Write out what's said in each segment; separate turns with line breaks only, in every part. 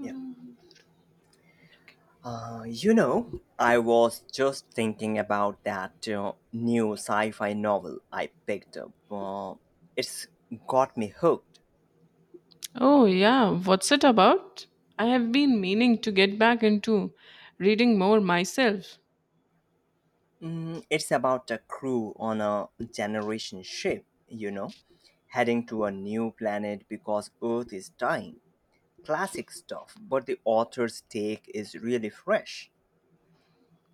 Yeah. I was just thinking about that new sci fi novel I picked up. It's got me hooked.
Oh, yeah. What's it about? I have been meaning to get back into reading more myself.
It's about a crew on a generation ship, heading to a new planet because Earth is dying. Classic stuff, but the author's take is really fresh.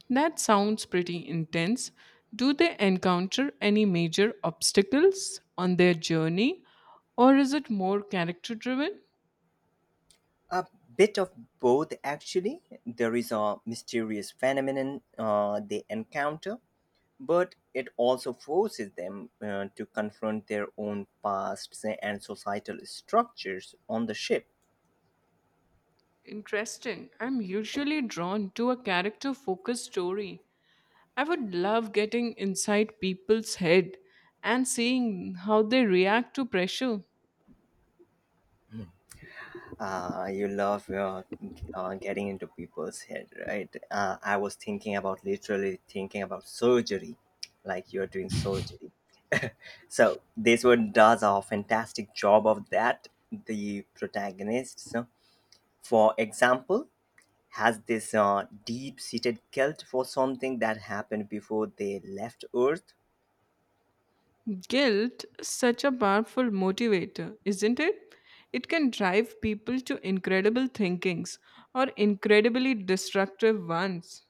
That sounds pretty intense. Do they encounter any major obstacles on their journey, or is it more character driven?
A bit of both, actually. There is a mysterious phenomenon they encounter, but it also forces them to confront their own pasts and societal structures on the ship.
Interesting. I'm usually drawn to a character focused story. I would love getting inside people's head and seeing how they react to pressure.
You love getting into people's head, right? I was thinking about literally thinking about surgery, like you're doing surgery. So this one does a fantastic job of that. The protagonist, for example, has this deep-seated guilt for something that happened before they left Earth.
Guilt is such a powerful motivator, isn't it? It can drive people to incredible thinkings or incredibly destructive ones.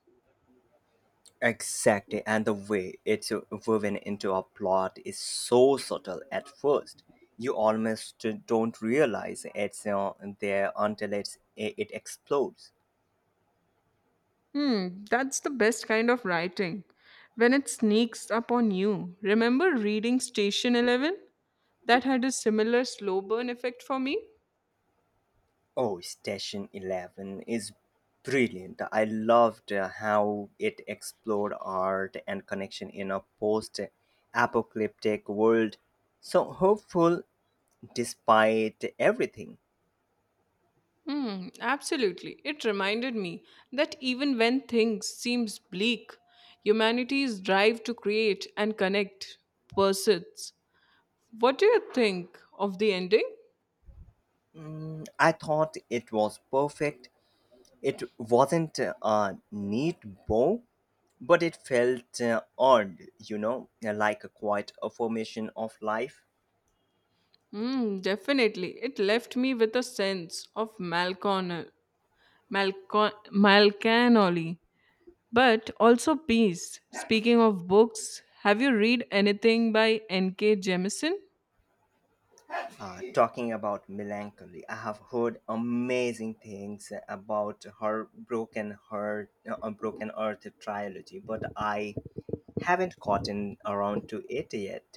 Exactly, and the way it's woven into a plot is so subtle at first. You almost don't realize it's there until it explodes.
Hmm, that's the best kind of writing. When it sneaks up on you. Remember reading Station 11? That had a similar slow burn effect for me.
Oh, Station Eleven is brilliant. I loved how it explored art and connection in a post apocalyptic world. So hopeful despite everything.
Hmm, absolutely. It reminded me that even when things seems bleak, humanity's drive to create and connect persists. What do you think of the ending?
I thought it was perfect. It wasn't a neat bow, but it felt odd, like a quiet affirmation of life.
Mm, definitely. It left me with a sense of malcanoli, but also peace. Speaking of books, have you read anything by N.K. Jemisin?
Talking about melancholy, I have heard amazing things about her broken earth trilogy, but I haven't gotten around to it yet.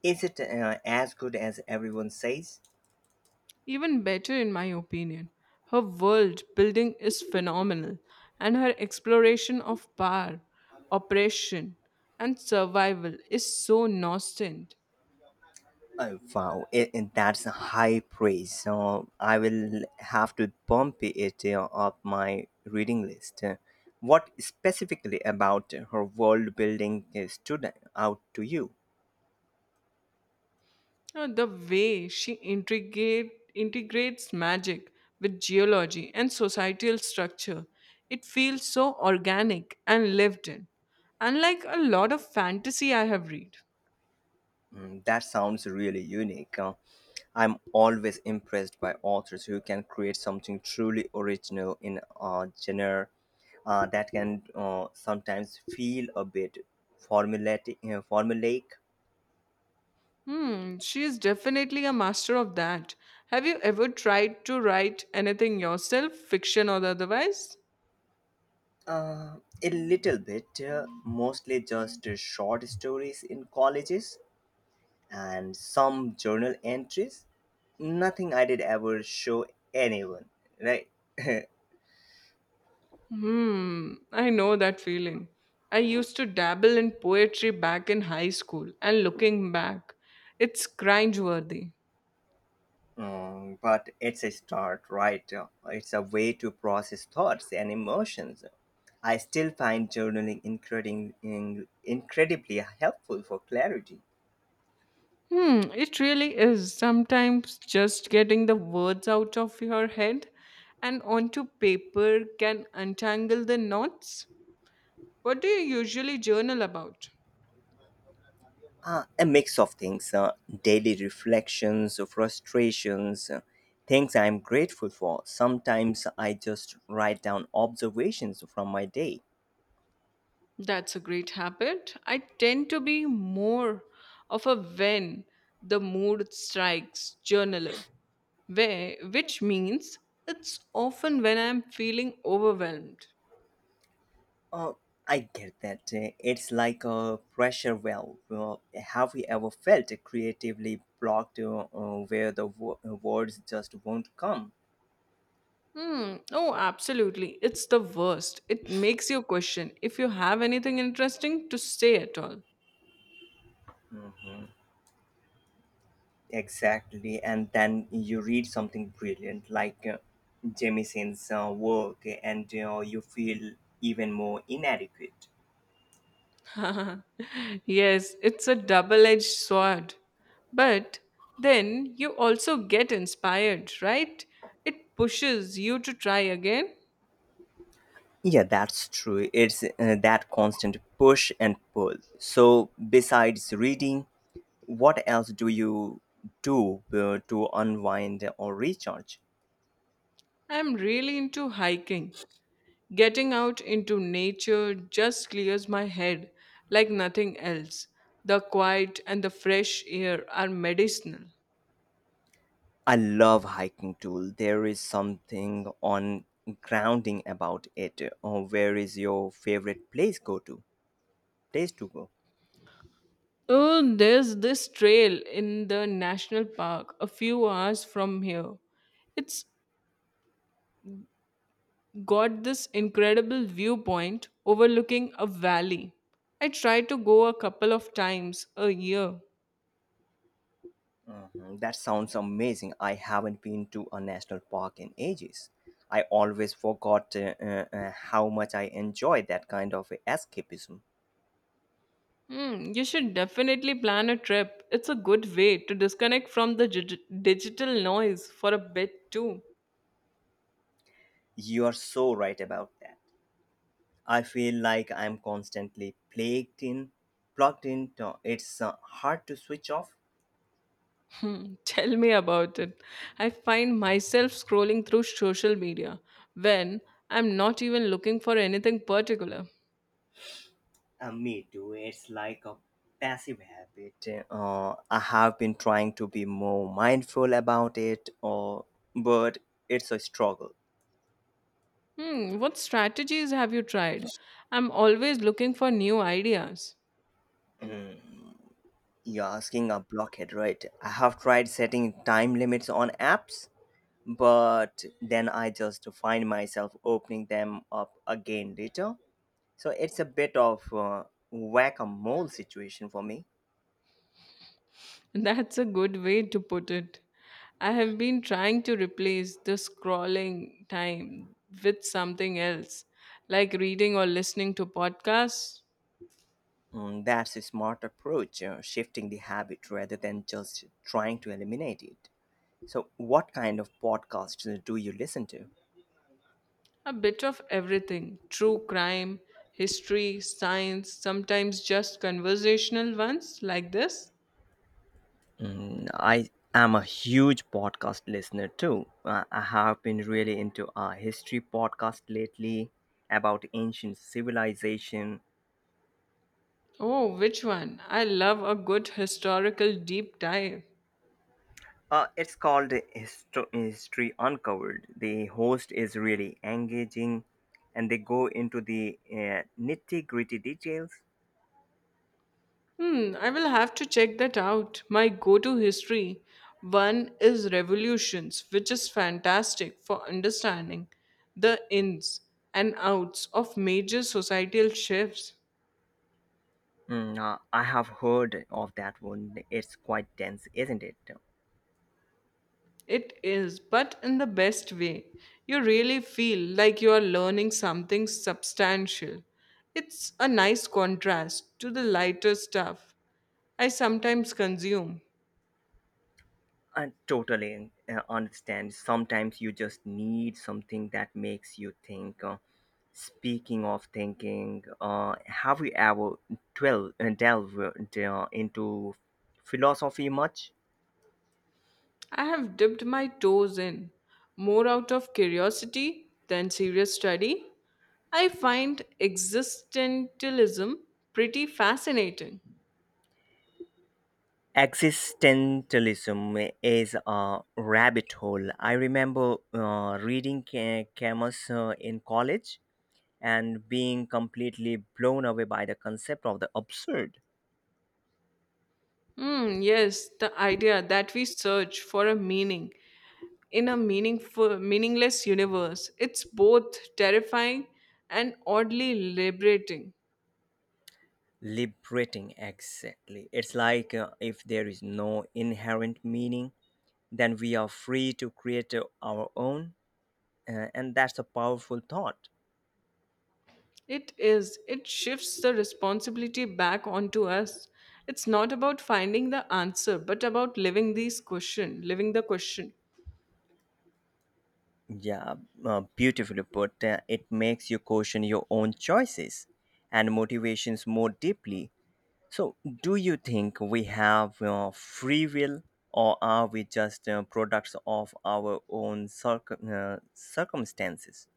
Is it as good as everyone says?
Even better, in my opinion. Her world building is phenomenal, and her exploration of power, oppression, and survival is so nascent.
Oh, wow, that's a high praise. So I will have to bump it up my reading list. What specifically about her world building stood out to you?
The way she integrates magic with geology and societal structure, it feels so organic and lived in. Unlike a lot of fantasy I have read.
That sounds really unique. I'm always impressed by authors who can create something truly original in a genre that can sometimes feel a bit formulaic.
Hmm, she is definitely a master of that. Have you ever tried to write anything yourself, fiction or otherwise?
Uh, a little bit, mostly just short stories in colleges and some journal entries. Nothing I did ever show anyone, right?
Hmm, I know that feeling. I used to dabble in poetry back in high school, and looking back, it's cringeworthy.
But it's a start, right? It's a way to process thoughts and emotions. I still find journaling incredibly, incredibly helpful for clarity.
Hmm, it really is. Sometimes just getting the words out of your head and onto paper can untangle the knots. What do you usually journal about?
A mix of things, daily reflections, frustrations, things I'm grateful for. Sometimes I just write down observations from my day.
That's a great habit. I tend to be more of a when the mood strikes journaler, where, which means it's often when I'm feeling overwhelmed.
Uh, I get that. It's like a pressure well. Well, have you ever felt creatively blocked, where the words just won't come?
Hmm. Oh, absolutely. It's the worst. It makes you question if you have anything interesting to say at all.
Mhm. Exactly, and then you read something brilliant like Jemisin's work, and you feel even more inadequate.
Yes, it's a double edged sword. But then you also get inspired, right? It pushes you to try again.
Yeah, that's true. It's that constant push and pull. So, besides reading, what else do you do to unwind or recharge?
I'm really into hiking. Getting out into nature just clears my head like nothing else. The quiet and the fresh air are medicinal.
I love hiking too. There is something on grounding about it. Where is your favorite place go to? Place to go?
Oh, there's this trail in the national park a few hours from here. It's got this incredible viewpoint overlooking a valley. I try to go a couple of times a year.
Mhm, that sounds amazing. I haven't been to a national park in ages. I always forgot how much I enjoy that kind of escapism.
Hmm, you should definitely plan a trip. It's a good way to disconnect from the digital noise for a bit too.
You are so right about that. I feel like I'm constantly plugged in. It's hard to switch off.
Hmm, tell me about it. I find myself scrolling through social media when I'm not even looking for anything particular.
Me too. It's like a passive habit. I have been trying to be more mindful about it, or but it's a struggle.
Hmm, what strategies have you tried? I'm always looking for new ideas.
Mm. You're asking a blockhead, right? I have tried setting time limits on apps, but then I just find myself opening them up again later. So it's a bit of a whack a mole situation for me.
That's a good way to put it. I have been trying to replace the scrolling time with something else, like reading or listening to podcasts.
That's a smart approach, shifting the habit rather than just trying to eliminate it. So, what kind of podcasts do you listen to?
A bit of everything: true crime, history, science, sometimes just conversational ones like this.
I am a huge podcast listener too. I have been really into a history podcast lately about ancient civilization.
Oh, which one? I love a good historical deep dive.
It's called History Uncovered. The host is really engaging and they go into the nitty gritty details.
Hmm, I will have to check that out. My go to history one is Revolutions, which is fantastic for understanding the ins and outs of major societal shifts.
I have heard of that one. It's quite dense, isn't it?
It is, but in the best way. You really feel like you are learning something substantial. It's a nice contrast to the lighter stuff I sometimes consume.
I totally understand. Sometimes you just need something that makes you think. Speaking of thinking, have you ever delved into philosophy much?
I have dipped my toes in, more out of curiosity than serious study. I find existentialism pretty fascinating.
Existentialism is a rabbit hole. I remember reading Camus in college, and being completely blown away by the concept of the absurd.
Hmm, yes, the idea that we search for a meaning in a meaningful, meaningless universe. It's both terrifying and oddly liberating.
Liberating, exactly. It's like if there is no inherent meaning, then we are free to create our own, and that's a powerful thought.
It is. It shifts the responsibility back onto us. It's not about finding the answer, but about living the question.
Yeah, beautifully put. It makes you question your own choices and motivations more deeply. So, do you think we have free will, or are we just products of our own circumstances?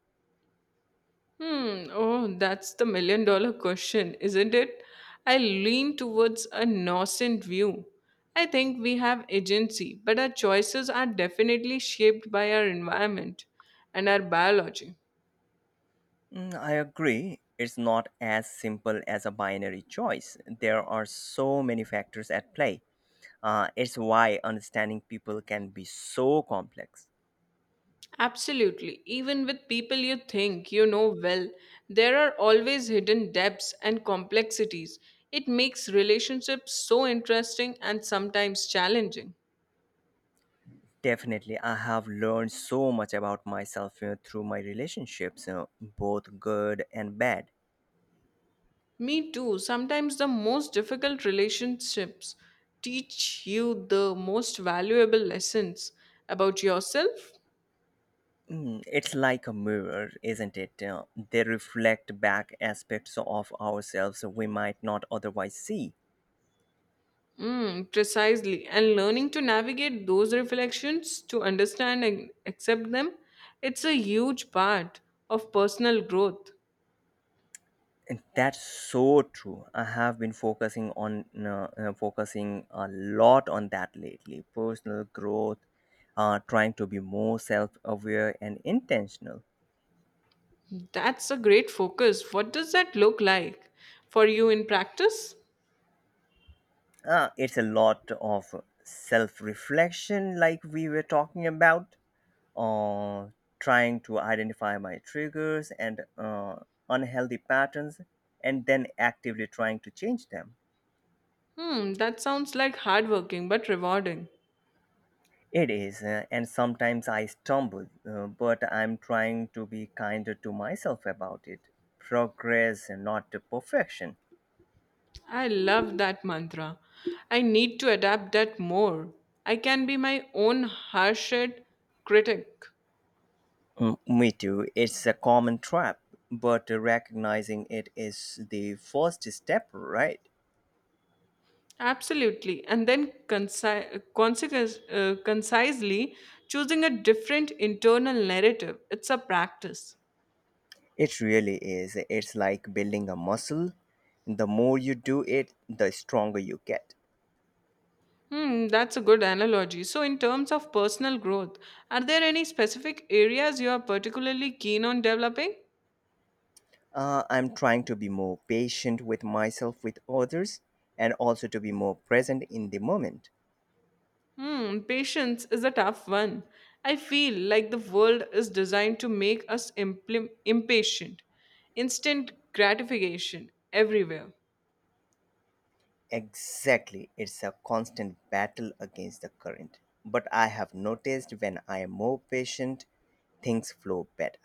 Hmm, oh, that's the million dollar question, isn't it? I lean towards a nascent view. I think we have agency, but our choices are definitely shaped by our environment and our biology.
I agree. It's not as simple as a binary choice. There are so many factors at play. It's why understanding people can be so complex.
Absolutely. Even with people you think you know well, there are always hidden depths and complexities. It makes relationships so interesting and sometimes challenging.
Definitely, I have learned so much about myself through my relationships, both good and bad.
Me too. Sometimes the most difficult relationships teach you the most valuable lessons about yourself.
It's like a mirror, isn't it? They reflect back aspects of ourselves we might not otherwise see.
Mm, precisely. And learning to navigate those reflections, to understand and accept them, it's a huge part of personal growth.
And that's so true. I have been focusing a lot on that lately. Personal growth, trying to be more self-aware and intentional.
That's a great focus. What does that look like for you in practice?
It's a lot of self-reflection, like we were talking about. uh, trying to identify my triggers and unhealthy patterns and then actively trying to change them.
Hmm, that sounds like hardworking but rewarding.
It is, and sometimes I stumble, but I'm trying to be kinder to myself about it. Progress, and not to perfection.
I love that mantra. I need to adapt that more. I can be my own harsh critic.
Me too. It's a common trap, but recognizing it is the first step, right?
Absolutely. And then concisely choosing a different internal narrative. It's a practice.
It really is. It's like building a muscle. The more you do it, the stronger you get.
Hmm, that's a good analogy. So, in terms of personal growth, are there any specific areas you are particularly keen on developing?
I'm trying to be more patient with myself, with others, and also to be more present in the moment.
Hmm, patience is a tough one. I feel like the world is designed to make us impatient, instant gratification everywhere.
Exactly. It's a constant battle against the current. But I have noticed when I am more patient, things flow better.